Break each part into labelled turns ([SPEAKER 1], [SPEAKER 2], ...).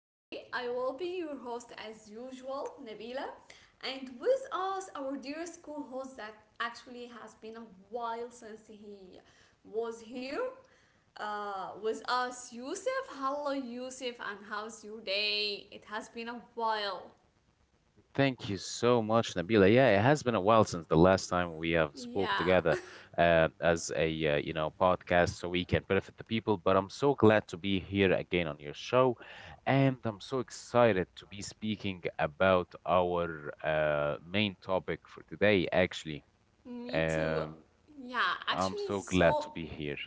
[SPEAKER 1] Today, I will be your host as usual, Nabila, and with us, our dearest co host that actually has been a while since he was here with us, Yusuf. Hello, Yusuf, and how's your day? It has been a while.
[SPEAKER 2] Thank you so much, Nabila. Yeah, it has been a while since the last time we have spoke together
[SPEAKER 1] Yeah,
[SPEAKER 2] as a podcast, so we can benefit the people. But I'm so glad to be here again on your show, and I'm so excited to be speaking about our main topic for today. Actually,
[SPEAKER 1] me too.
[SPEAKER 2] um,
[SPEAKER 1] Yeah,
[SPEAKER 2] I'm
[SPEAKER 1] actually,
[SPEAKER 2] so glad to
[SPEAKER 1] so
[SPEAKER 2] be here.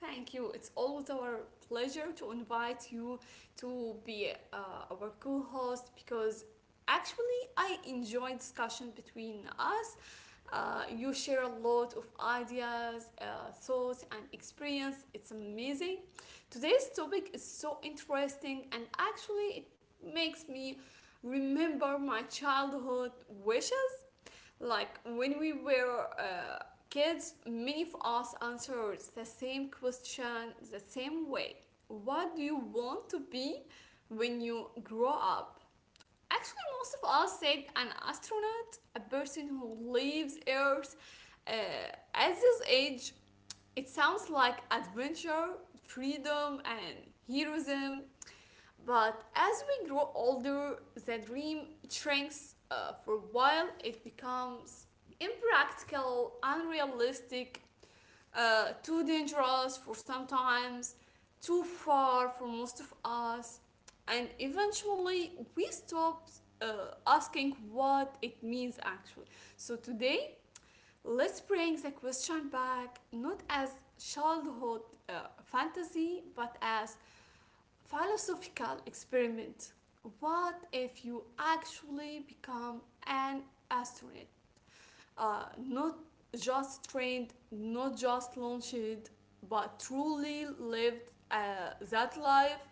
[SPEAKER 1] thank you. It's always our pleasure to invite you to be our co host because actually I enjoy discussion between us. You share a lot of ideas, thoughts, and experience. It's amazing. Today's topic is so interesting, and actually, it makes me remember my childhood wishes like when we were kids, many of us answered the same question the same way. What do you want to be when you grow up? Actually, most of us said an astronaut, a person who leaves Earth. At this age, it sounds like adventure, freedom, and heroism. But as we grow older, the dream shrinks for a while. It becomes impractical, unrealistic, too dangerous for sometimes, too far for most of us. And eventually, we stop asking what it means actually. So, today, let's bring the question back not as childhood fantasy, but as philosophical experiment. What if you actually become an astronaut? Not just trained, not just launched, but truly lived that life,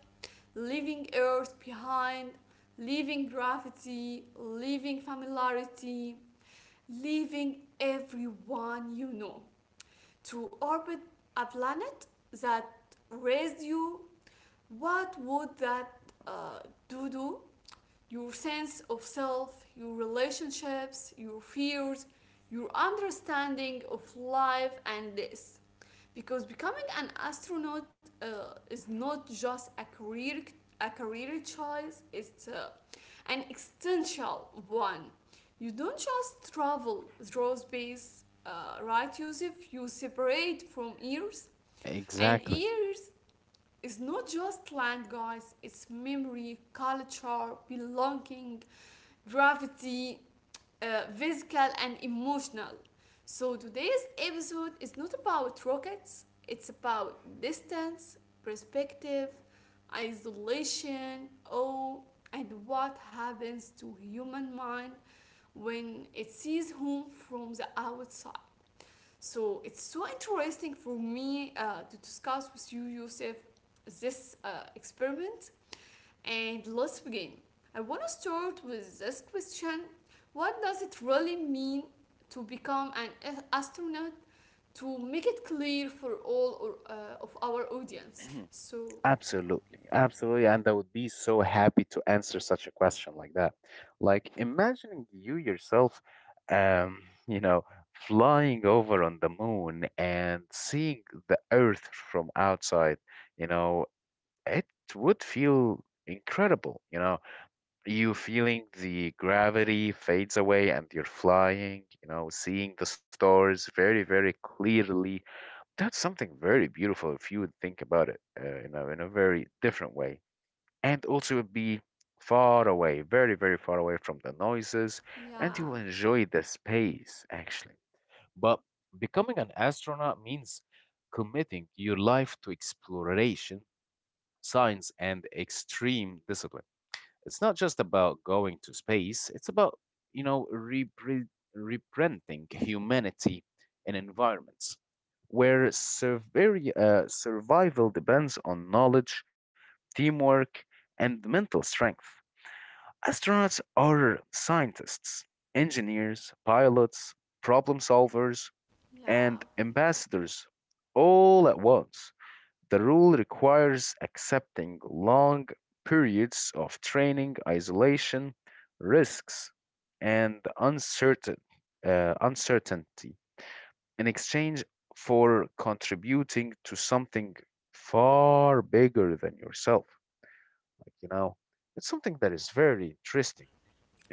[SPEAKER 1] leaving Earth behind, leaving gravity, leaving familiarity, leaving everyone you know to orbit a planet that raised you, what would that uh, do to your sense of self, your relationships, your fears, your understanding of life and this? Because becoming an astronaut is not just a career choice; it's an existential one. You don't just travel through space, right, Yusuf? You separate from years and
[SPEAKER 2] Exactly.
[SPEAKER 1] years, it's not just land, guys, it's memory, culture, belonging, gravity, physical, and emotional. So today's episode is not about rockets, it's about distance, perspective, isolation, awe, and what happens to human mind when it sees home from the outside. So it's so interesting for me to discuss with you, Yusuf, this experiment. And let's begin. I want to start with this question. What does it really mean to become an astronaut? To make it clear for all of our audience. So,
[SPEAKER 2] Absolutely, absolutely, and I would be so happy to answer such a question like that. Like imagining you yourself, um, you know, flying over on the moon and seeing the Earth from outside, you know, it would feel incredible, You feeling the gravity fades away and you're flying, you know, seeing the stars very, very clearly. That's something very beautiful if you would think about it in a very different way. And also it would be far away, very, very far away from the noises, and you will
[SPEAKER 1] yeah,
[SPEAKER 2] enjoy the space actually. But becoming an astronaut means committing your life to exploration, science, and extreme discipline. It's not just about going to space, it's about, you know, reprinting humanity in environments where survival depends on knowledge, teamwork, and mental strength. Astronauts are scientists, engineers, pilots, problem solvers, and
[SPEAKER 1] yeah,
[SPEAKER 2] ambassadors all at once. The rule requires accepting long periods of training, isolation, risks, and uncertainty in exchange for contributing to something far bigger than yourself. Like, you know, it's something that is very interesting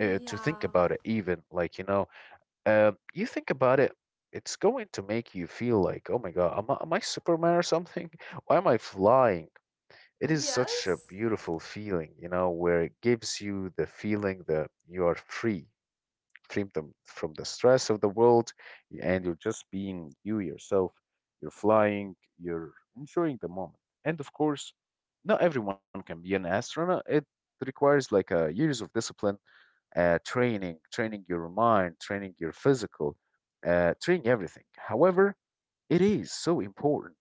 [SPEAKER 2] to think
[SPEAKER 1] yeah,
[SPEAKER 2] about it, even. You think about it, it's going to make you feel like, oh my God, am I Superman or something? Why am I flying? It is such a
[SPEAKER 1] yes,
[SPEAKER 2] beautiful feeling, you know, where it gives you the feeling that you are free, free from the stress of the world, and you're just being you yourself. You're flying, you're enjoying the moment. And of course, not everyone can be an astronaut. It requires like years of discipline, training, training your mind, training your physical, training everything. However, it is so important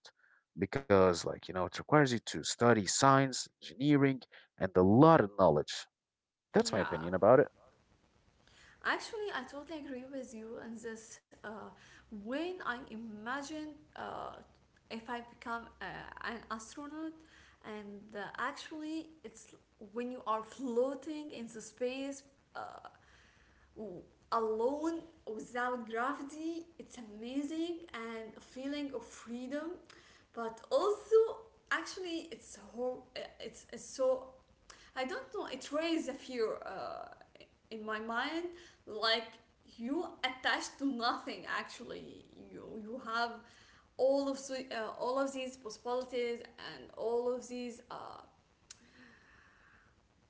[SPEAKER 2] because, like, you know, it requires you to study science, engineering, and a lot of knowledge. That's my opinion
[SPEAKER 1] yeah.
[SPEAKER 2] about it.
[SPEAKER 1] Actually, I totally agree with you on this. When I imagine uh, if I become an astronaut, and actually, it's when you are floating in the space, uh, w- alone without gravity, it's amazing and a feeling of freedom, but also actually it's so I don't know, it raised a fear in my mind. Like, you attached to nothing actually. You have all of, all of these possibilities and all of these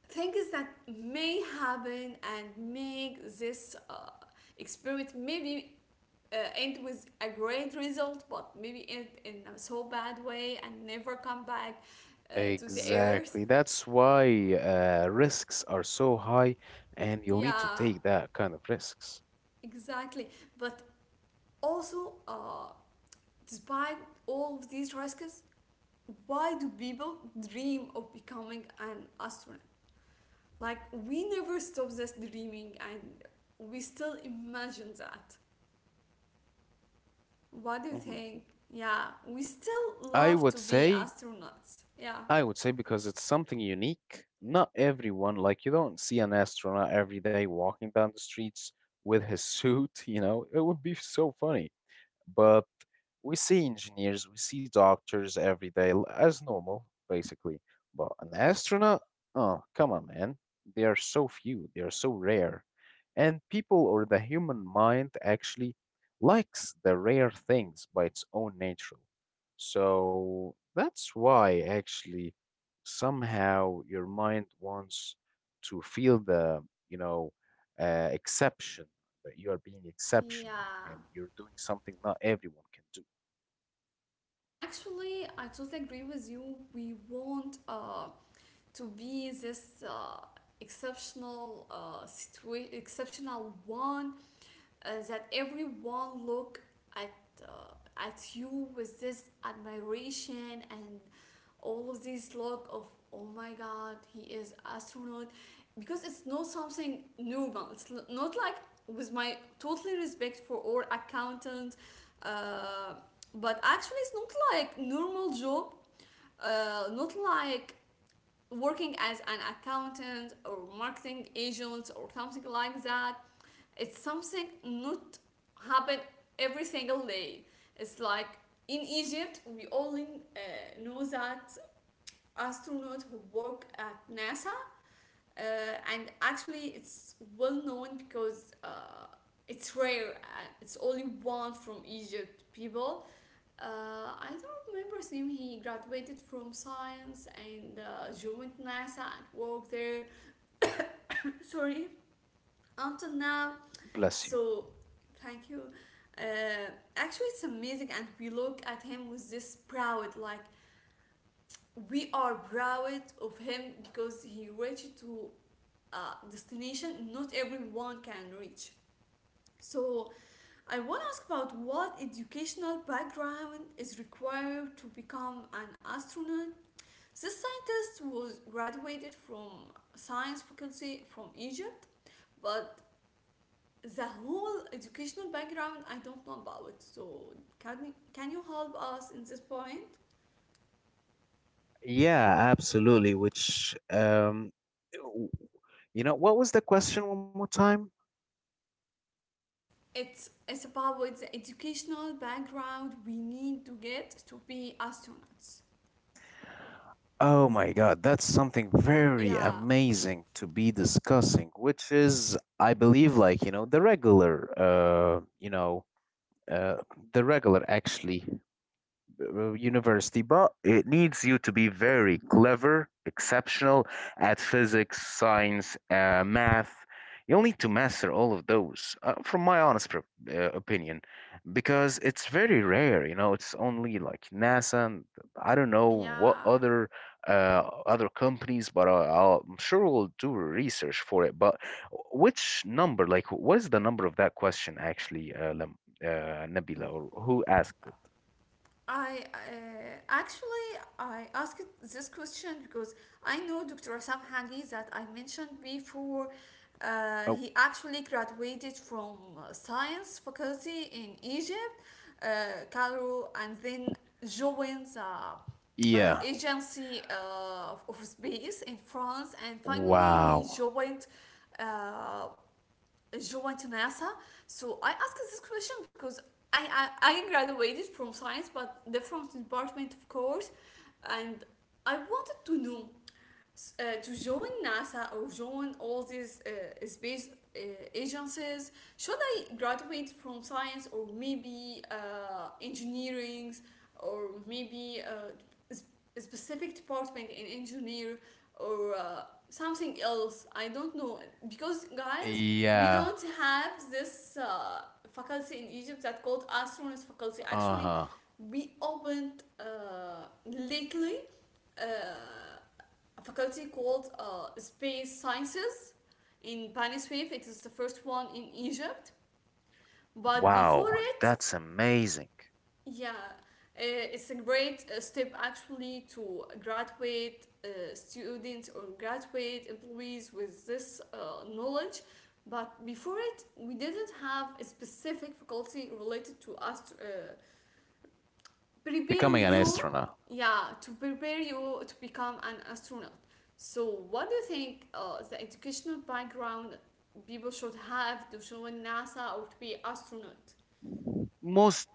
[SPEAKER 1] things that may happen and make this experiment maybe end with a great result, but maybe end in a so bad way and never come back to the earth.
[SPEAKER 2] Exactly. That's why risks are so high, and you'll need to
[SPEAKER 1] Yeah,
[SPEAKER 2] take that kind of risks.
[SPEAKER 1] exactly. But also, despite all of these risks, why do people dream of becoming an astronaut? Like, we never stop this dreaming and we still imagine that. What do you
[SPEAKER 2] Mhm.
[SPEAKER 1] think? Yeah, we still
[SPEAKER 2] I
[SPEAKER 1] love
[SPEAKER 2] would
[SPEAKER 1] to be
[SPEAKER 2] say,
[SPEAKER 1] astronauts. Yeah.
[SPEAKER 2] I would say because it's something unique. Not everyone, like you don't see an astronaut every day walking down the streets with his suit, you know, it would be so funny. But we see engineers, we see doctors every day as normal, basically. But an astronaut, oh, come on, man. They are so few, they are so rare. And people or the human mind actually likes the rare things by its own nature. So that's why actually somehow your mind wants to feel the, you know, exception that you are being exceptional
[SPEAKER 1] Yeah.
[SPEAKER 2] and you're doing something not everyone can do.
[SPEAKER 1] Actually, I totally agree with you. We want to be this exceptional exceptional one that everyone look at uh, at you with this admiration and all of this look of oh my god, he is astronaut, because it's not something normal, it's not like, with my totally respect for all accountants, uh, but actually it's not like normal job, not like working as an accountant or marketing agent or something like that, it's something not happen every single day. It's like, in Egypt we only know that astronauts who work at NASA, uh, and actually it's well known because it's rare, it's only one from Egypt people, uh, I don't remember his name, he graduated from science and joined NASA and worked there, sorry, until now.
[SPEAKER 2] Bless you.
[SPEAKER 1] So thank you. uh, Actually it's amazing and we look at him with this proud like we are proud of him because he reached to a destination not everyone can reach. So I want to ask about what educational background is required to become an astronaut. This scientist was graduated from science faculty from Egypt, but the whole educational background I don't know about it. So can you help us in this point?
[SPEAKER 2] Yeah, absolutely. W- you know, what was the question one more time?
[SPEAKER 1] It's about the educational background we need to get to be astronauts.
[SPEAKER 2] Oh my God, that's something very
[SPEAKER 1] Yeah,
[SPEAKER 2] amazing to be discussing, which is, I believe, like, you know, uh, the regular actually university, but it needs you to be very clever, exceptional at physics, science, math. You'll need to master all of those, from my honest opinion, because it's very rare. You know, it's only like NASA and I don't know what
[SPEAKER 1] yeah.
[SPEAKER 2] other other companies, but I'm sure we'll do research for it. But which number, like, what is the number of that question actually, Nabila, or who asked it?
[SPEAKER 1] I actually I asked this question because I know Dr. Assam Hagi that I mentioned before.
[SPEAKER 2] Oh,
[SPEAKER 1] He actually graduated from science faculty in Egypt, Cairo, and then joined the
[SPEAKER 2] yeah.
[SPEAKER 1] agency of space in France, and finally he
[SPEAKER 2] Wow.
[SPEAKER 1] joined uh, joined NASA. So I asked this question because I graduated from science, but different department, of course, and I wanted to know to join NASA or join all these space uh, agencies, should I graduate from science or maybe engineering or maybe s- a specific department in engineer or something else? I don't know because guys, we
[SPEAKER 2] Yeah.
[SPEAKER 1] don't have this faculty in Egypt that called astronaut faculty. Actually,
[SPEAKER 2] Uh-huh.
[SPEAKER 1] we opened lately uh, a faculty called Space Sciences in Bani Suef. It is the first one in Egypt. But before
[SPEAKER 2] Wow,
[SPEAKER 1] it,
[SPEAKER 2] that's amazing.
[SPEAKER 1] yeah, it's a great step actually to graduate students or graduate employees with this knowledge. But before it, we didn't have a specific faculty related to prepare
[SPEAKER 2] Becoming an
[SPEAKER 1] you,
[SPEAKER 2] astronaut.
[SPEAKER 1] yeah, to prepare you to become an astronaut. So what do you think the educational background people should have to join NASA or to be astronaut?
[SPEAKER 2] Most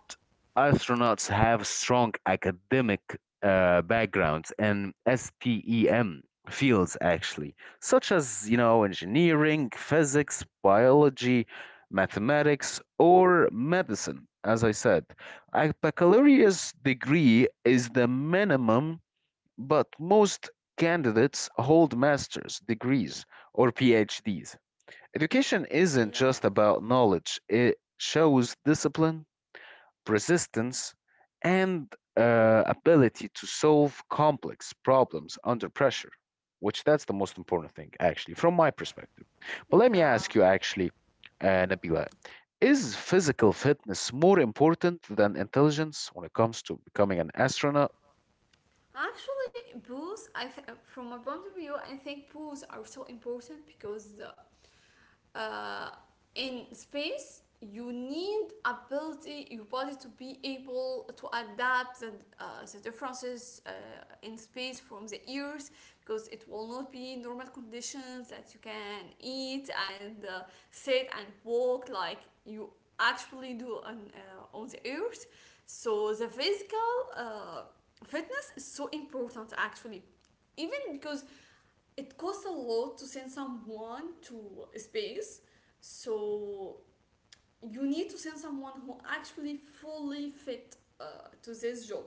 [SPEAKER 2] astronauts have strong academic backgrounds and STEM fields, actually, such as, you know, engineering, physics, biology, mathematics, or medicine, as I said. A baccalaureate degree is the minimum. But most candidates hold master's degrees or PhDs. Education isn't
[SPEAKER 1] Yeah,
[SPEAKER 2] just about knowledge, it shows discipline, persistence, and ability to solve complex problems under pressure, which that's the most important thing, actually, from my perspective. But let me
[SPEAKER 1] yeah.
[SPEAKER 2] ask you, actually, Nabila, is physical fitness more important than intelligence when it comes to becoming an astronaut?
[SPEAKER 1] Actually, booths. From my point of view, I think booths are so important because uh, in space you need ability your body to be able to adapt the differences in space from the earth because it will not be normal conditions that you can eat and sit and walk like you actually do on the earth. So the physical fitness is so important actually, even because it costs a lot to send someone to space. So you need to send someone who actually fully fit to this job.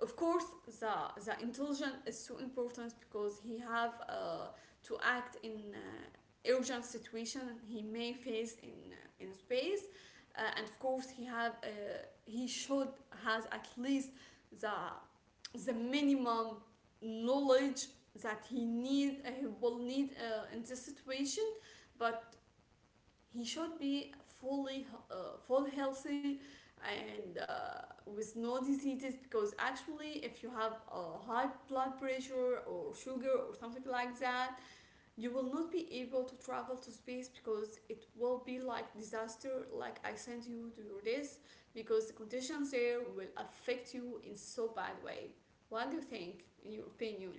[SPEAKER 1] Of course the intelligence is so important because he have to act in urgent situation he may face in space, and of course he have he should has at least the minimum knowledge that he need he will need in this situation. But he should be fully full healthy and with no diseases because actually if you have a high blood pressure or sugar or something like that, you will not be able to travel to space because it will be like disaster, like I sent you to do this, because the conditions there will affect you in so bad way. What do you think in your opinion?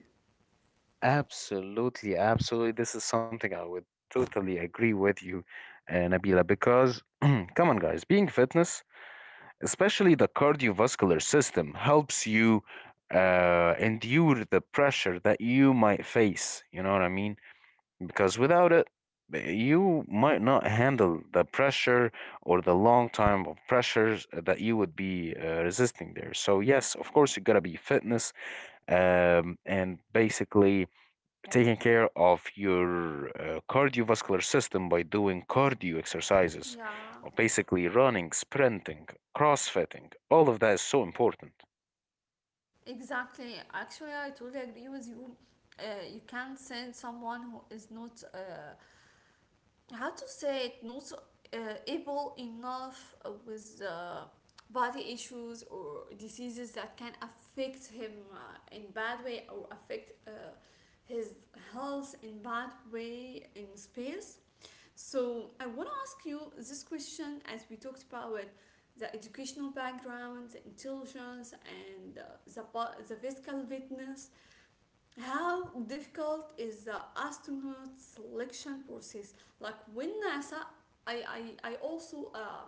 [SPEAKER 2] Absolutely, absolutely. This is something I would totally agree with you, Nabila, because come on, guys, being fitness, especially the cardiovascular system, helps you endure the pressure that you might face. You know what I mean? Because without it, you might not handle the pressure or the long time of pressures that you would be resisting there. So, yes, of course, you gotta be fitness and basically taking care of your cardiovascular system by doing cardio exercises,
[SPEAKER 1] Yeah,
[SPEAKER 2] or basically running, sprinting, crossfitting. All of that is so important.
[SPEAKER 1] exactly. Actually, I totally agree with you. Uh, you can't send someone who is not, how to say it, not uh, able enough with body issues or diseases that can affect him in bad way or affect his health in bad way in space. So I want to ask you this question. As we talked about the educational background, the intelligence, and the physical fitness, how difficult is the astronaut selection process? Like when NASA, I I also.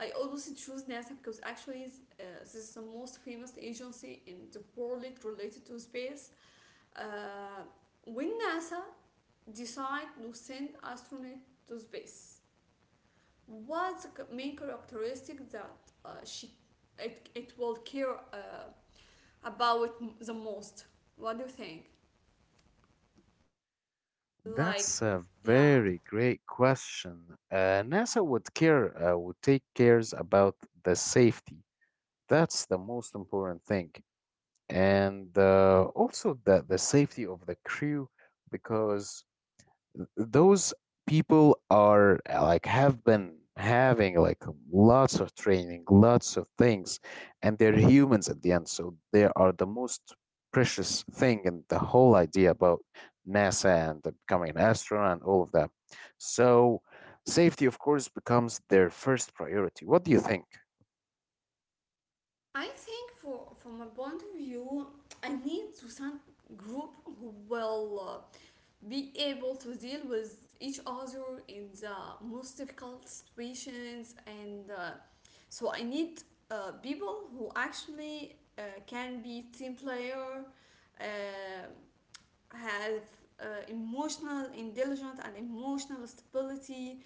[SPEAKER 1] I always choose NASA because actually this is the most famous agency in the world related to space. Uh, when NASA decide to send astronaut to space, what's the main characteristic that she it will care about the most? What do you think? Like,
[SPEAKER 2] That's a
[SPEAKER 1] yeah,
[SPEAKER 2] very great question. NASA would care would take cares about the safety. That's the most important thing, and also the safety of the crew because those people are like have been having like lots of training, lots of things, and they're humans at the end, so they are the most precious thing in the whole idea about NASA and the becoming an astronaut and all of that. So safety, of course, becomes their first priority. What do you think?
[SPEAKER 1] I think for from my point of view, I need to some group who will be able to deal with each other in the most difficult situations, and so I need people who actually can be team player. Uh, have emotional intelligence and emotional stability,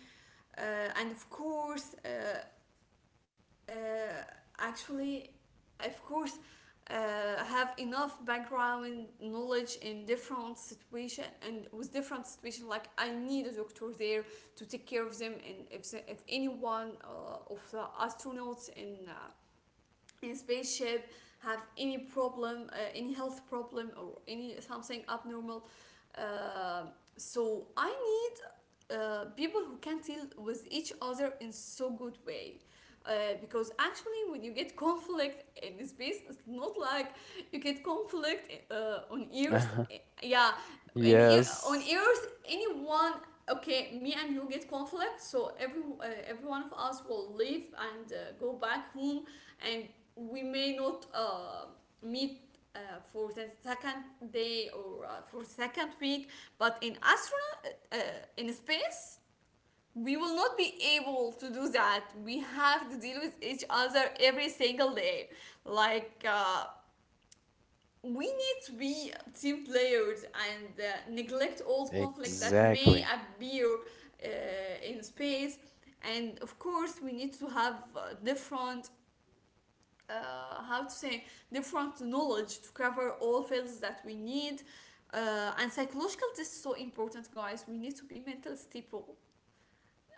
[SPEAKER 1] uh, and of course, uh, actually of course have enough background knowledge in different situation and with different situation. Like I need a doctor there to take care of them, and if anyone of the astronauts in spaceship have any problem, any health problem or any something abnormal. Uh, so i need people who can deal with each other in so good way, uh, because actually when you get conflict in space, it's not like you get conflict on earth.
[SPEAKER 2] Uh-huh.
[SPEAKER 1] Yeah. And on
[SPEAKER 2] Yes,
[SPEAKER 1] earth, anyone, okay, me and you get conflict, so every, every one of us will leave and go back home, and we may not meet uh, for the second day or for second week. But in astronaut, uh, in space, we will not be able to do that. We have to deal with each other every single day. Like uh, we need to be team players and neglect all conflicts that may
[SPEAKER 2] exactly.
[SPEAKER 1] appear in space. And of course, we need to have, different, how to say, different knowledge to cover all fields that we need, and psychological test is so important, guys. We need to be mental stable.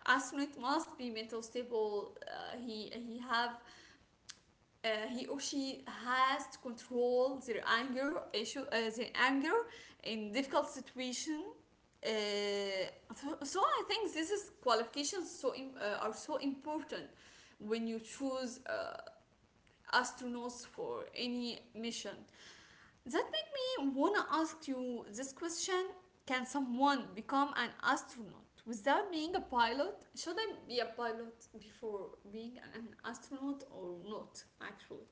[SPEAKER 1] Astronaut must be mental stable. He have, uh, he or she has to control their anger issue, their anger in difficult situation, so I think this is qualifications, so are so important when you choose astronauts for any mission. That make me wanna ask you this question. Can someone become an astronaut without being a pilot? Should I be a pilot before being an astronaut or not, actually?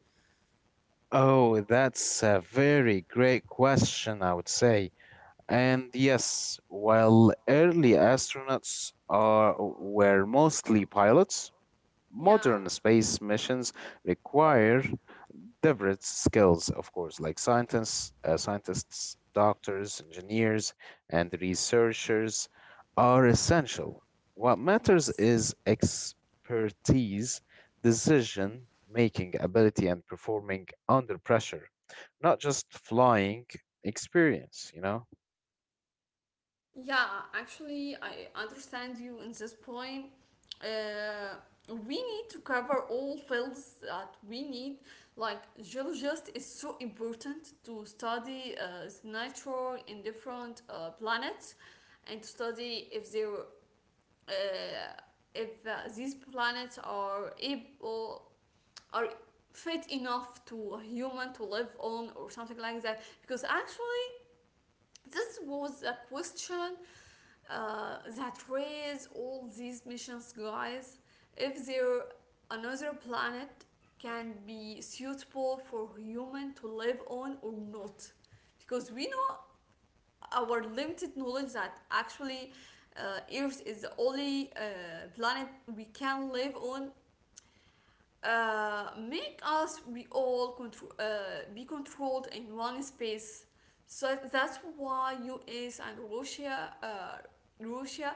[SPEAKER 2] Oh, that's a very great question, I would say. And yes, while early were mostly pilots,
[SPEAKER 1] Yeah,
[SPEAKER 2] modern space missions require diverse skills, of course, like scientists, doctors, engineers, and researchers are essential. What matters
[SPEAKER 1] yes.
[SPEAKER 2] is expertise, decision making ability, and performing under pressure, not just flying experience, you know?
[SPEAKER 1] Yeah, actually, I understand you in this point. Uh, we need to cover all fields that we need. Like geologist is so important to study the nature in different planets, and to study if they if these planets are able, are fit enough to a human to live on, or something like that. Because actually, this was a question that raise all these missions, guys. If there another planet can be suitable for human to live on or not, because we know our limited knowledge that actually earth is the only planet we can live on, make us we all be controlled in one space. So that's why us and Russia Russia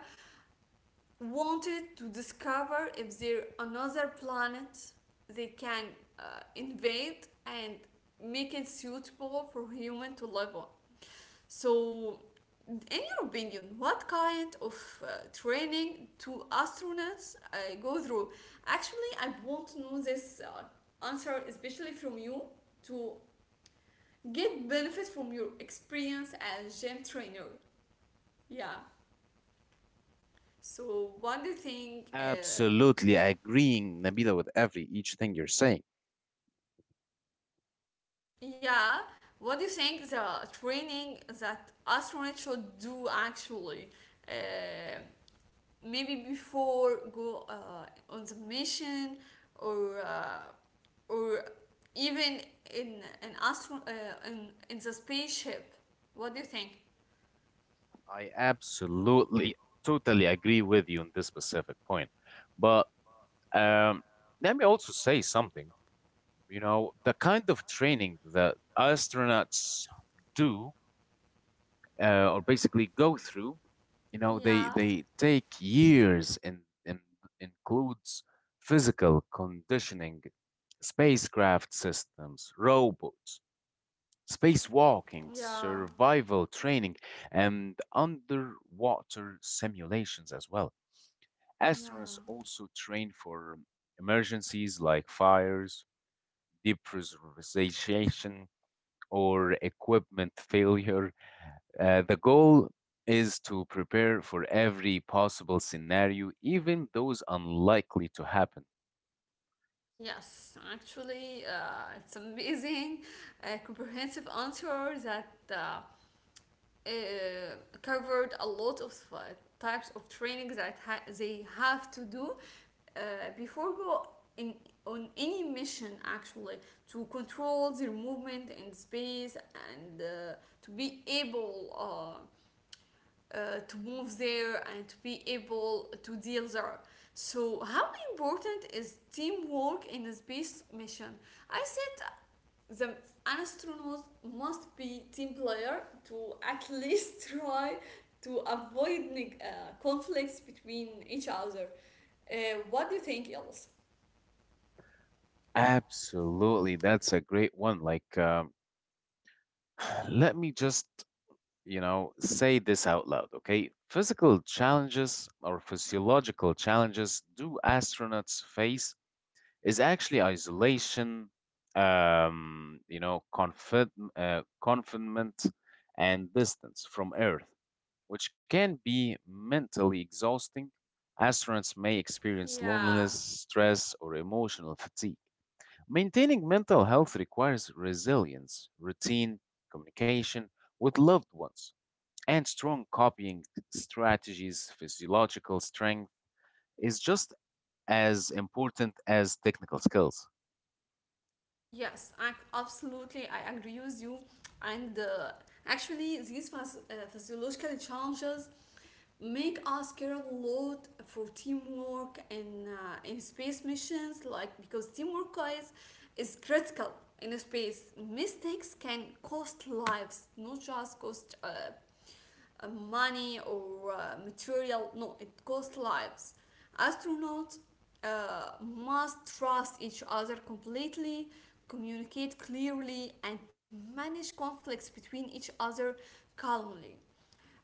[SPEAKER 1] wanted to discover if there are another planet they can invade and make it suitable for human to live on. So, in your opinion, what kind of training do astronauts go through? Actually, I want to know this answer, especially from you, to get benefit from your experience as gym trainer. Yeah. So, what do you think
[SPEAKER 2] Absolutely agreeing, Nabila, with every each thing you're saying.
[SPEAKER 1] yeah, what do you think the training that astronauts should do, actually? Uh, Maybe before go on the mission, or uh, or even in an astro in the spaceship. What do you think?
[SPEAKER 2] I absolutely, totally agree with you on this specific point. But um, let me also say something. You know, the kind of training that astronauts do or basically go through, you know,
[SPEAKER 1] Yeah,
[SPEAKER 2] they take years and includes physical conditioning, spacecraft systems, robots, spacewalking,
[SPEAKER 1] yeah,
[SPEAKER 2] survival training, and underwater simulations as well.
[SPEAKER 1] yeah.
[SPEAKER 2] Astronauts also train for emergencies like fires, depressurization, or equipment failure. The goal is to prepare for every possible scenario, even those unlikely to happen.
[SPEAKER 1] Yes, actually, it's amazing, a comprehensive answer that uh, covered a lot of types of training that they have to do uh, before go in on any mission, actually, to control their movement in space and to be able uh, to move there and to be able to deal there. So, how important is teamwork in a space mission? I said the an astronaut must be team player to at least try to avoid conflicts between each other. What do you think, else?
[SPEAKER 2] Absolutely, that's a great one. Let me just, you know, say this out loud, okay? Physical challenges or physiological challenges do astronauts face is actually isolation, confinement, and distance from Earth, which can be mentally exhausting. Astronauts may experience
[SPEAKER 1] Yeah.
[SPEAKER 2] loneliness, stress, or emotional fatigue. Maintaining mental health requires resilience, routine, communication with loved ones, and strong coping strategies. Physiological strength is just as important as technical skills.
[SPEAKER 1] Yes, I absolutely I agree with you. And actually, these physiological challenges make us care a lot for teamwork and in space missions, like because teamwork, guys, is critical in space. Mistakes can cost lives, not just cost money or material. No, it costs lives. Astronauts must trust each other completely, communicate clearly, and manage conflicts between each other calmly.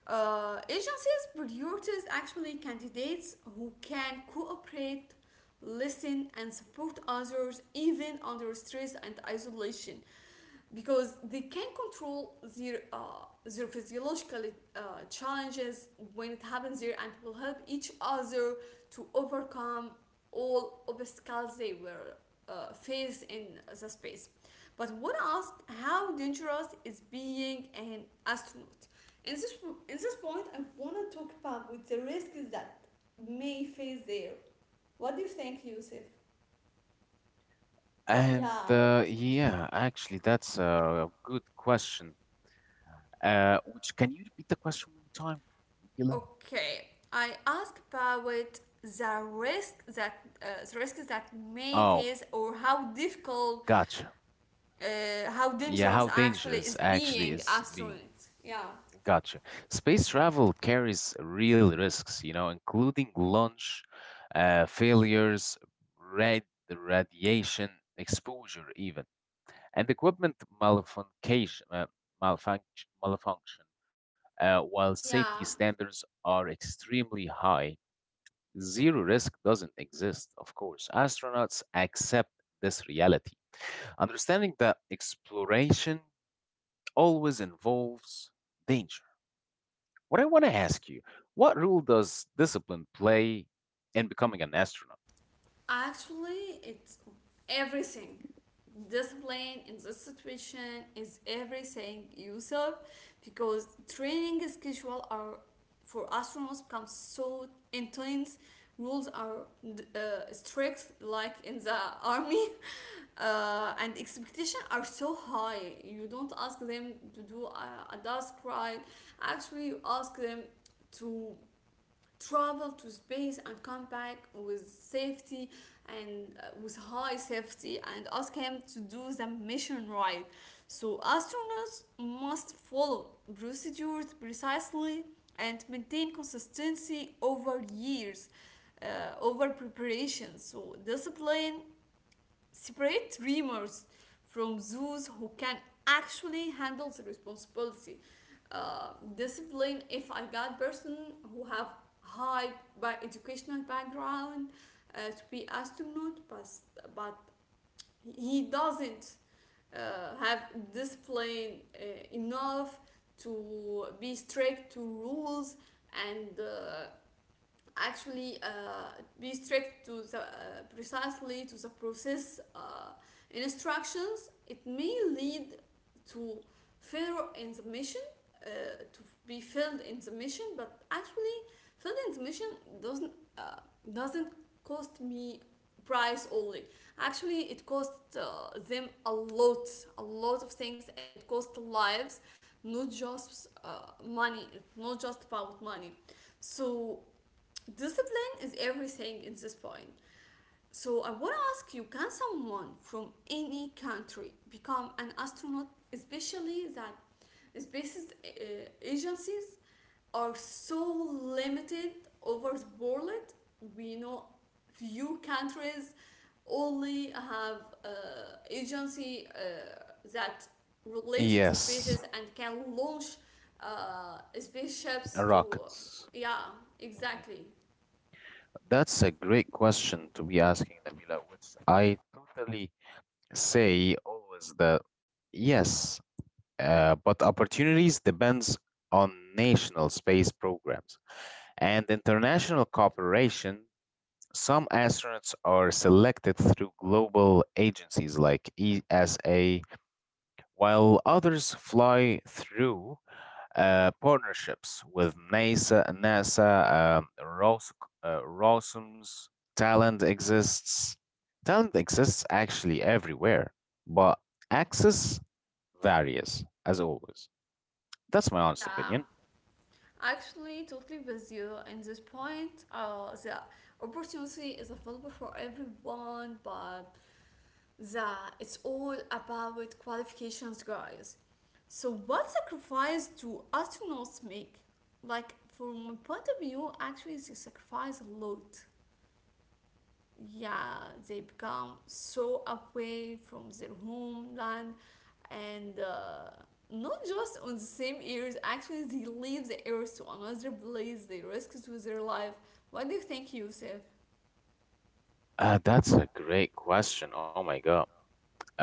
[SPEAKER 1] Agencies prioritize actually candidates who can cooperate, listen, and support others even under stress and isolation, because they can control their, their physiological, uh, challenges when it happens there and will help each other to overcome all obstacles they were faced in the space. But would ask, how dangerous is being an astronaut? In this, in this point, I want to talk about with the risks that may face there. What do you think, Yusuf?
[SPEAKER 2] And
[SPEAKER 1] Yeah.
[SPEAKER 2] Yeah, actually, that's a good question. Which can you repeat the question one more time, Mila?
[SPEAKER 1] Okay, I asked about the risk that the risks that may
[SPEAKER 2] Oh,
[SPEAKER 1] face or how difficult,
[SPEAKER 2] gotcha.
[SPEAKER 1] how
[SPEAKER 2] Yeah,
[SPEAKER 1] dangerous
[SPEAKER 2] how
[SPEAKER 1] actually
[SPEAKER 2] dangerous
[SPEAKER 1] is
[SPEAKER 2] actually
[SPEAKER 1] being
[SPEAKER 2] is being?
[SPEAKER 1] astronaut. Yeah.
[SPEAKER 2] Gotcha. Space travel carries real risks, you know, including launch failures, rad radiation exposure, even, and equipment malfunction. Malfunction. While safety
[SPEAKER 1] Yeah.
[SPEAKER 2] standards are extremely high, zero risk doesn't exist, of course. Astronauts accept this reality, understanding that exploration always involves danger. What I want to ask you, what role does discipline play in becoming an astronaut?
[SPEAKER 1] Actually, it's everything. Discipline in this situation is everything, Yusuf, because training schedule are for astronauts become so intense. Rules are strict, like in the army, and expectations are so high. You don't ask them to do a task right. Actually, you ask them to travel to space and come back with safety and with high safety and ask him to do the mission right. So astronauts must follow procedures precisely and maintain consistency over years, over preparation. So discipline separate dreamers from those who can actually handle the responsibility. Discipline, if I got person who have high by educational background, to be astronaut, but he doesn't have discipline enough to be strict to rules, and actually, be strict to the, precisely to the process, instructions, it may lead to failure in the mission, uh, to be failed in the mission. But actually, failed in the mission doesn't uh, doesn't cost me price only. Actually, it cost them a lot of things. It cost lives, not just money, not just about money. So discipline is everything at this point. So I want to ask you, can someone from any country become an astronaut, especially that space agencies are so limited over the world? We know few countries only have agency that related to
[SPEAKER 2] Yes,
[SPEAKER 1] spaces and can launch spaceships to
[SPEAKER 2] rockets.
[SPEAKER 1] yeah,
[SPEAKER 2] Mhm.
[SPEAKER 1] exactly.
[SPEAKER 2] That's a great question to be asking, Nabila, which I totally say always that yes, but opportunities depends on national space programs and international cooperation. Some astronauts are selected through global agencies like ESA, while others fly through partnerships with NASA, Rosums. Talent exists. Talent exists actually everywhere, but access varies as always. That's my honest
[SPEAKER 1] Yeah,
[SPEAKER 2] opinion.
[SPEAKER 1] actually, totally with you in this point. The opportunity is available for everyone, but the it's all about qualifications, guys. So, what sacrifice do astronauts make? Like, from my point of view, actually, they sacrifice a lot. Yeah, they become so away from their homeland and not just on the same ears. Actually, they leave the ears to another place, they risk to their life. What do you think, Yusuf?
[SPEAKER 2] That's a great question. Oh my god.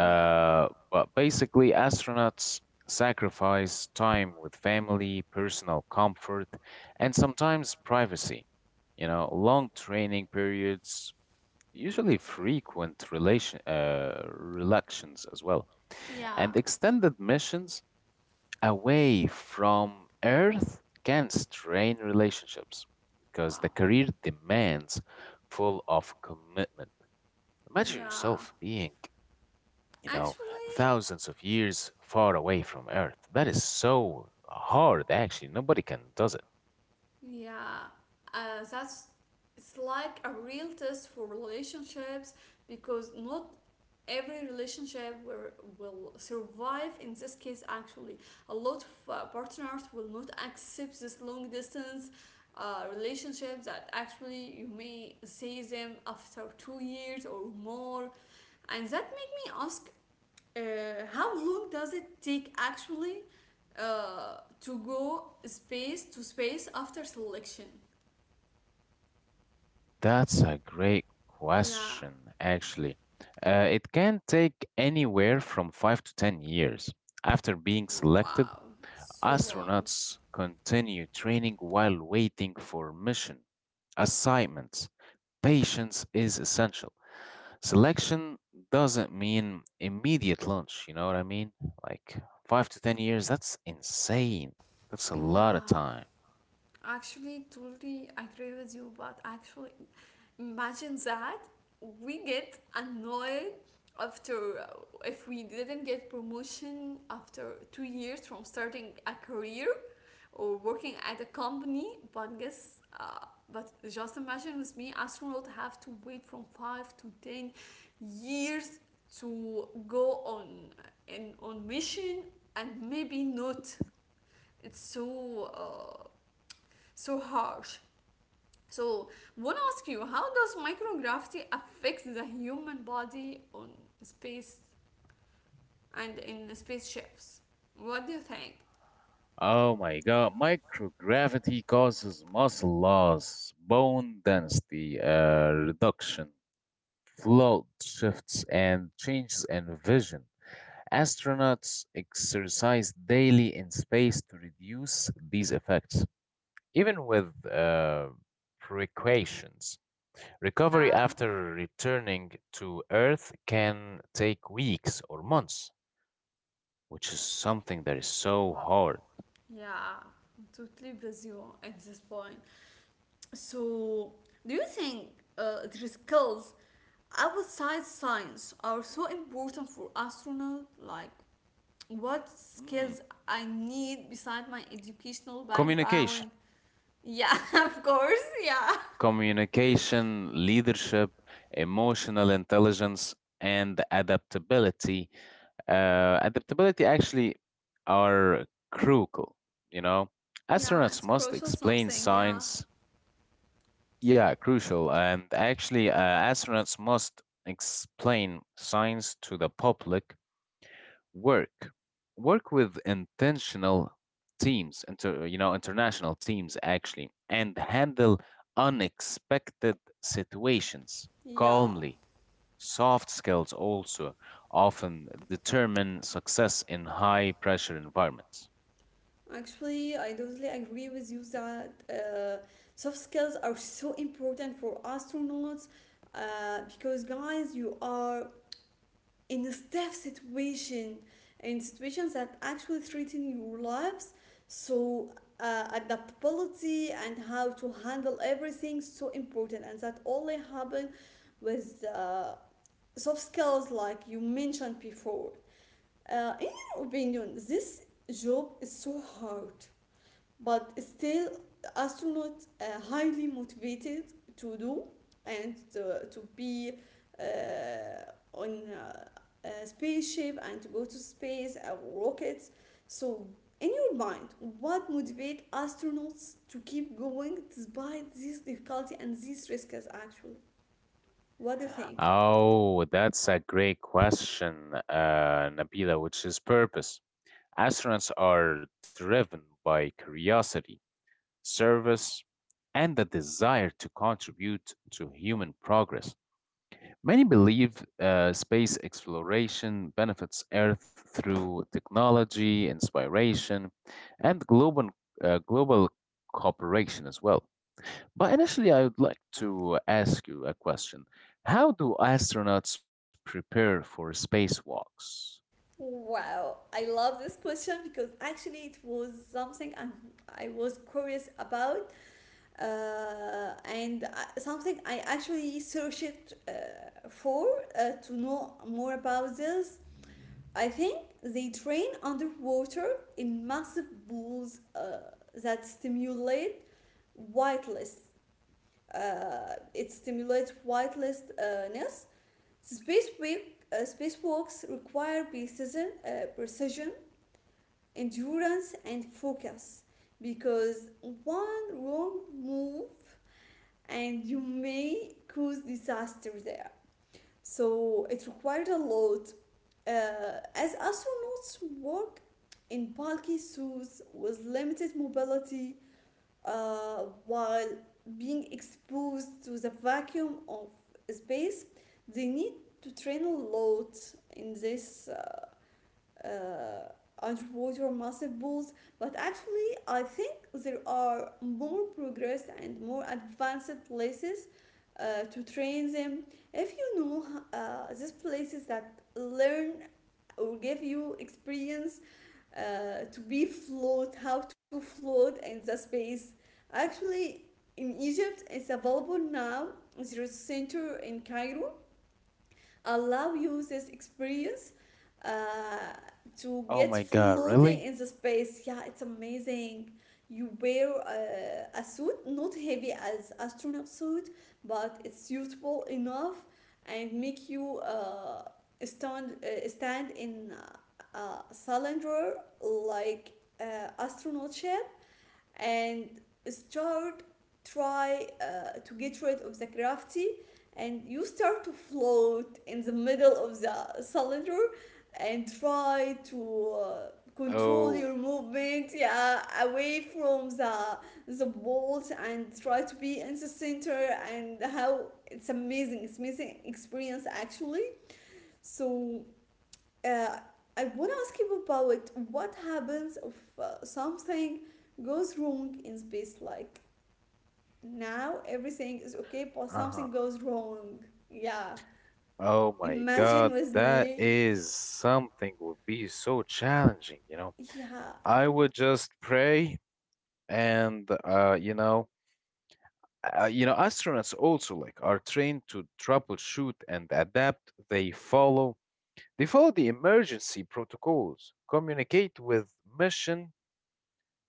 [SPEAKER 1] Yeah.
[SPEAKER 2] But basically, astronauts sacrifice time with family, personal comfort, and sometimes privacy. You know, long training periods, usually frequent relation reluctions as well,
[SPEAKER 1] Yeah.
[SPEAKER 2] and extended missions away from Earth can strain relationships because the
[SPEAKER 1] Wow.
[SPEAKER 2] career demands full of commitment. Imagine
[SPEAKER 1] Yeah,
[SPEAKER 2] yourself being, you know,
[SPEAKER 1] actually.
[SPEAKER 2] thousands of years far away from Earth. That is so hard, actually. Nobody can does it.
[SPEAKER 1] Yeah, that's it's like a real test for relationships, because not every relationship will, will survive in this case. Actually, a lot of partners will not accept this long distance relationship that actually you may see them after 2 years or more. And that make me ask, how long does it take actually to go space to space after selection?
[SPEAKER 2] That's a great
[SPEAKER 1] Yeah,
[SPEAKER 2] question, actually. It can take anywhere from 5 to 10 years. After being selected,
[SPEAKER 1] wow, so long.
[SPEAKER 2] astronauts continue training while waiting for mission assignments. Patience is essential. Selection doesn't mean immediate launch, you know what I mean? Like five to 10 years, that's insane. That's a lot of
[SPEAKER 1] Yeah,
[SPEAKER 2] time.
[SPEAKER 1] actually, totally agree with you, but actually, imagine that we get annoyed after if we didn't get promotion after 2 years from starting a career or working at a company. But guess, but just imagine with me, astronaut have to wait from 5 to 10 years to go on in on mission, and maybe not. It's so. So harsh. So, I want to ask you, how does microgravity affect the human body on space and in spaceships? What do you think?
[SPEAKER 2] Oh my God, microgravity causes muscle loss, bone density reduction, float shifts, and changes in vision. Astronauts exercise daily in space to reduce these effects, even with precautions. Recovery
[SPEAKER 1] Yeah.
[SPEAKER 2] after returning to Earth can take weeks or months, which is something that is so
[SPEAKER 1] Wow.
[SPEAKER 2] hard.
[SPEAKER 1] Yeah, I'm totally with you at this point. So, do you think the skills outside science are so important for astronaut? Like, what
[SPEAKER 2] Mm.
[SPEAKER 1] skills I need beside my educational
[SPEAKER 2] Communication,
[SPEAKER 1] background. Yeah, of course. Yeah.
[SPEAKER 2] communication, leadership, emotional intelligence, and adaptability. Adaptability actually are crucial, you know.
[SPEAKER 1] Yeah,
[SPEAKER 2] Astronauts
[SPEAKER 1] it's
[SPEAKER 2] must
[SPEAKER 1] crucial
[SPEAKER 2] explain
[SPEAKER 1] something. Yeah.
[SPEAKER 2] science. Yeah, crucial. And actually, astronauts must explain science to the public, work work with you know, international teams actually, and handle unexpected situations
[SPEAKER 1] Yeah.
[SPEAKER 2] calmly. Soft skills also often determine success in high pressure environments.
[SPEAKER 1] Actually, I totally agree with you that soft skills are so important for astronauts, because, guys, you are in a tough situation, in situations that actually threaten your lives. So, adaptability and how to handle everything is so important, and that only happen with soft skills like you mentioned before. In your opinion, this job is so hard, but still astronauts are highly motivated to do and to be uh, on a spaceship and to go to space or rockets. So, in your mind, what motivates astronauts to keep going despite this difficulty and these risks, actually? What do you think?
[SPEAKER 2] Oh, that's a great question, Nabila, which is purpose. Astronauts are driven by curiosity, service, and the desire to contribute to human progress. Many believe space exploration benefits Earth through technology, inspiration, and global cooperation as well. But initially, I would like
[SPEAKER 1] Yeah.
[SPEAKER 2] to ask you a question. How do astronauts prepare for spacewalks?
[SPEAKER 1] Wow, I love this question, because actually it was something I was curious about, and something I actually searched for, to know more about this. I think they train underwater in massive pools that stimulate whitelist. It stimulates whitelistness. Spacewalk, spacewalks require precision, precision, endurance and focus, because one wrong move and you may cause disaster there. So it required a lot. As astronauts work in bulky suits with limited mobility while being exposed to the vacuum of space, they need to train a lot in this uh, underwater massive pools. But actually, I think there are more progressed and more advanced places to train them. If you know these places that learn or give you experience to be float, how to float in the space. Actually, in Egypt, it's available now. There is a center in Cairo allow users experience uh, to
[SPEAKER 2] Oh
[SPEAKER 1] get
[SPEAKER 2] my God,
[SPEAKER 1] floating
[SPEAKER 2] really?
[SPEAKER 1] in the space. Yeah, it's amazing. You wear a suit, not heavy as astronaut suit, but it's suitable enough and make you stand in a cylinder like astronaut ship and start try to get rid of the gravity, and you start to float in the middle of the cylinder and try to control
[SPEAKER 2] Oh,
[SPEAKER 1] your movement, yeah, away from the walls and try to be in the center. And how it's amazing experience actually. So uh, I want to ask you about what happens if something goes wrong in space. Like now, everything is okay, but
[SPEAKER 2] uh
[SPEAKER 1] something
[SPEAKER 2] huh.
[SPEAKER 1] goes wrong. Yeah,
[SPEAKER 2] Oh my
[SPEAKER 1] imagine
[SPEAKER 2] God,
[SPEAKER 1] with
[SPEAKER 2] that
[SPEAKER 1] me.
[SPEAKER 2] is something would be so challenging, you know.
[SPEAKER 1] Yeah,
[SPEAKER 2] I would just pray and you know, astronauts also like are trained to troubleshoot and adapt. They follow the emergency protocols, communicate with mission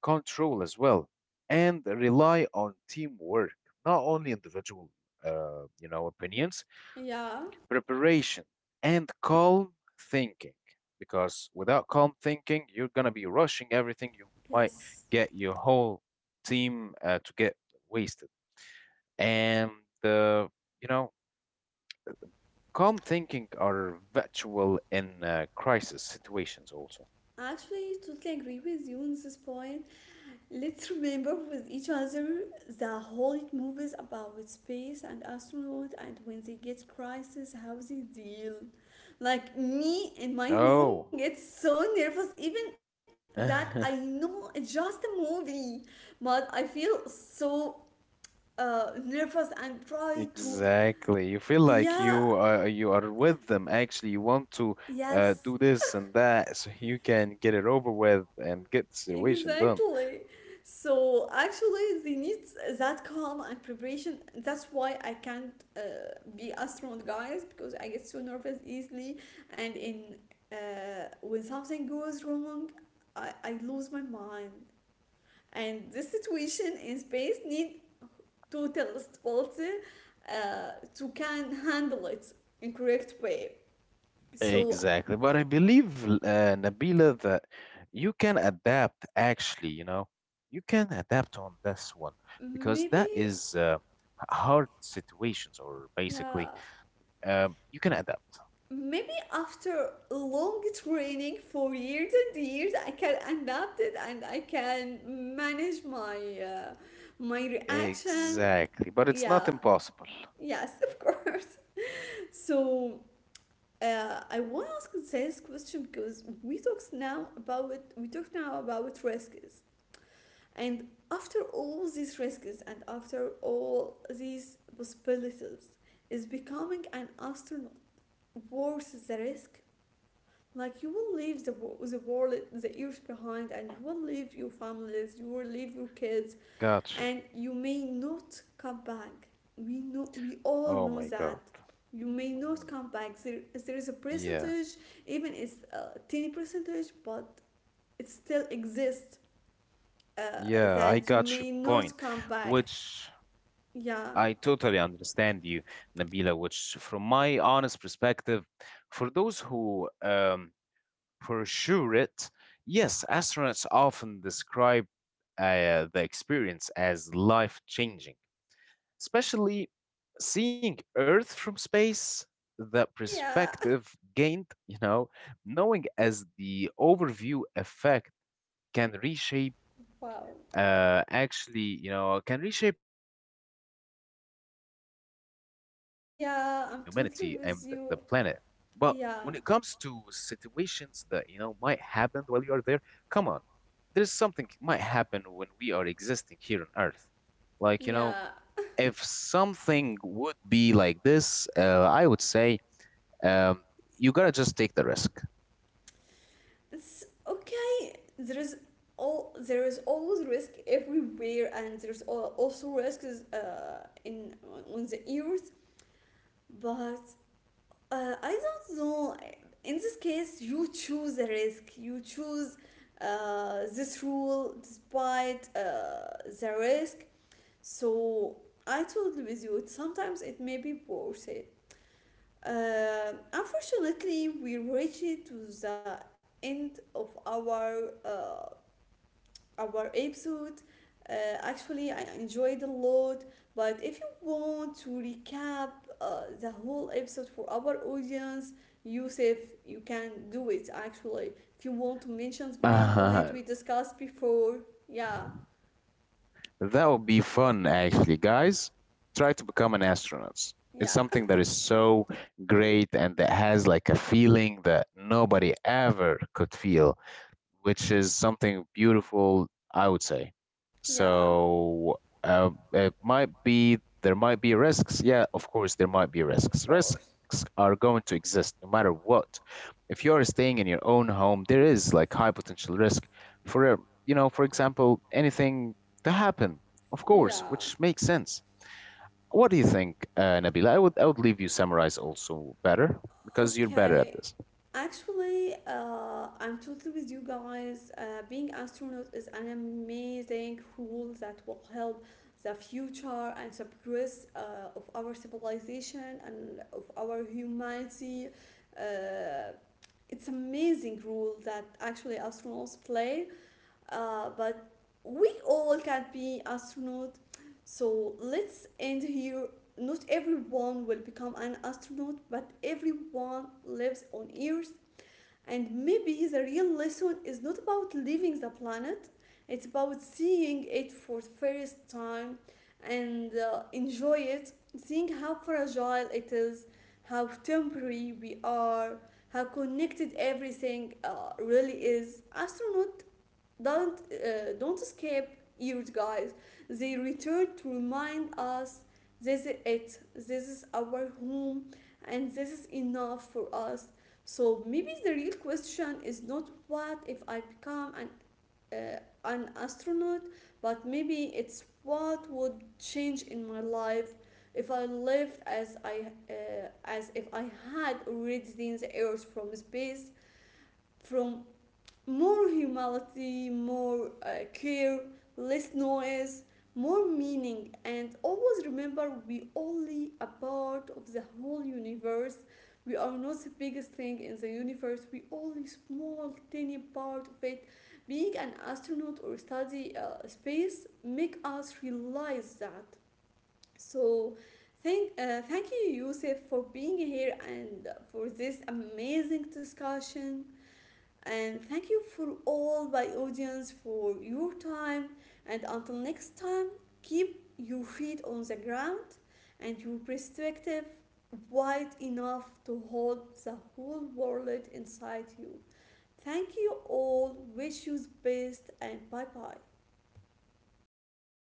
[SPEAKER 2] control as well, and rely on teamwork, not only individual you know, opinions.
[SPEAKER 1] yeah,
[SPEAKER 2] Preparation and calm thinking, because without calm thinking you're going to be rushing everything. You might
[SPEAKER 1] yes.
[SPEAKER 2] get your whole team to get wasted and uh, you know, calm thinking are virtual in crisis situations also.
[SPEAKER 1] Actually, totally agree with you on this point. Let's remember with each other the Hollywood movies about space and astronaut and when they get crisis, how they deal. Like me in my home
[SPEAKER 2] Oh,
[SPEAKER 1] gets so nervous even that I know it's just a movie, but I feel so nervous and try to.
[SPEAKER 2] exactly. You feel
[SPEAKER 1] Yeah,
[SPEAKER 2] like you are with them actually. You want to
[SPEAKER 1] yes.
[SPEAKER 2] do this and that so you can get it over with and get the situation done.
[SPEAKER 1] Exactly. So actually, they need that calm and preparation. That's why I can't be astronaut, guys, because I get so nervous easily, and in when something goes wrong, I lose my mind. And this situation in space need total stability to can handle it in correct way. So
[SPEAKER 2] Exactly. But I believe, Nabila, that you can adapt actually, you know, you can adapt on this one because
[SPEAKER 1] maybe,
[SPEAKER 2] that is hard situations, or basically,
[SPEAKER 1] yeah,
[SPEAKER 2] you can adapt.
[SPEAKER 1] maybe after long training for years and years I can adapt it and I can manage my uh, my reaction.
[SPEAKER 2] Exactly. But it's not
[SPEAKER 1] Yeah,
[SPEAKER 2] impossible.
[SPEAKER 1] yes, of course. So I want to ask this question because we talked now about risks. And after all these risks and after all these possibilities, is becoming an astronaut worth the risk? Like you will leave the world, the earth behind, and you will leave your families, you will leave your kids,
[SPEAKER 2] Gotcha.
[SPEAKER 1] and you may not come back. We know, we all
[SPEAKER 2] Oh
[SPEAKER 1] know
[SPEAKER 2] my
[SPEAKER 1] that.
[SPEAKER 2] God.
[SPEAKER 1] You may not
[SPEAKER 2] Mhm.
[SPEAKER 1] come back. There is a
[SPEAKER 2] Yeah.
[SPEAKER 1] percentage, even it's a tiny percentage, but it still exists,
[SPEAKER 2] Yeah, I
[SPEAKER 1] that you
[SPEAKER 2] got your
[SPEAKER 1] may
[SPEAKER 2] point,
[SPEAKER 1] not come back.
[SPEAKER 2] which
[SPEAKER 1] Yeah.
[SPEAKER 2] I totally understand you, Nabila, which, from my honest perspective, for those who pursue it, yes, astronauts often describe the experience as life changing, especially seeing Earth from space. The
[SPEAKER 1] Yeah.
[SPEAKER 2] perspective gained, you know, knowing as the overview effect can reshape
[SPEAKER 1] Wow.
[SPEAKER 2] can reshape how they view humanity and the planet.
[SPEAKER 1] Yeah, I'm
[SPEAKER 2] But
[SPEAKER 1] totally
[SPEAKER 2] when it
[SPEAKER 1] with
[SPEAKER 2] comes
[SPEAKER 1] you.
[SPEAKER 2] to
[SPEAKER 1] Yeah.
[SPEAKER 2] situations that, you know, might happen while you are there, come on, there is something might happen when we are existing here on Earth. Like, you know,
[SPEAKER 1] Yeah,
[SPEAKER 2] if something would be like this, I would say, um, you gotta just take the risk.
[SPEAKER 1] it's okay. There is always risk everywhere, and there's also risks in, on the ears. But I don't know, in this case you choose the risk, you choose this rule despite the risk. So I totally with you, sometimes it may be worth it. Unfortunately, we reached to the end of our episode. Actually, I enjoyed a lot. But if you want to recap the whole episode for our audience, Yusuf, you can do it actually. If you want to mention the main point we discussed before, yeah,
[SPEAKER 2] That would be fun, actually, guys. Try to become an astronaut. It's
[SPEAKER 1] yeah,
[SPEAKER 2] something that is so great and that has like a feeling that nobody ever could feel, which is something beautiful, I would say.
[SPEAKER 1] yeah,
[SPEAKER 2] So it might be, there might be risks. Yeah, of course there might be
[SPEAKER 1] of
[SPEAKER 2] risks. Risks
[SPEAKER 1] course.
[SPEAKER 2] are going to exist no matter what. If you are staying in your own home, there is like high potential risk for you know, for example, anything to happen. Of course,
[SPEAKER 1] Yeah.
[SPEAKER 2] which makes sense. What do you think, Nabila? I would leave you summarize also better because you're better at
[SPEAKER 1] Okay.
[SPEAKER 2] this.
[SPEAKER 1] Actually, I'm totally with you, guys. Being astronaut is an amazing rule that will help the future and the progress of our civilization and of our humanity. Uh, it's amazing role that actually astronauts play. But we all can be astronaut. So let's end here. Not everyone will become an astronaut, but everyone lives on Earth, and maybe the real lesson is not about leaving the planet, it's about seeing it for the first time and enjoy it, seeing how fragile it is, how temporary we are, how connected everything really is. Astronaut don't escape years, guys. They return to remind us this is it. This is our home, and this is enough for us. So maybe the real question is not what if I become an astronaut, but maybe it's what would change in my life if I lived as I as if I had already seen the Earth from space, from more humanity, more care, less noise, more meaning. And always remember, we only a part of the whole universe. We are not the biggest thing in the universe. We only small, tiny part of it. Being an astronaut or study space make us realize that. So, thank you, Yusuf, for being here and for this amazing discussion. And thank you for all my audience for your time. And until next time, keep your feet on the ground and your perspective wide enough to hold the whole world inside you. Thank you all. Wish you the best, and bye bye.
[SPEAKER 2] Bye bye.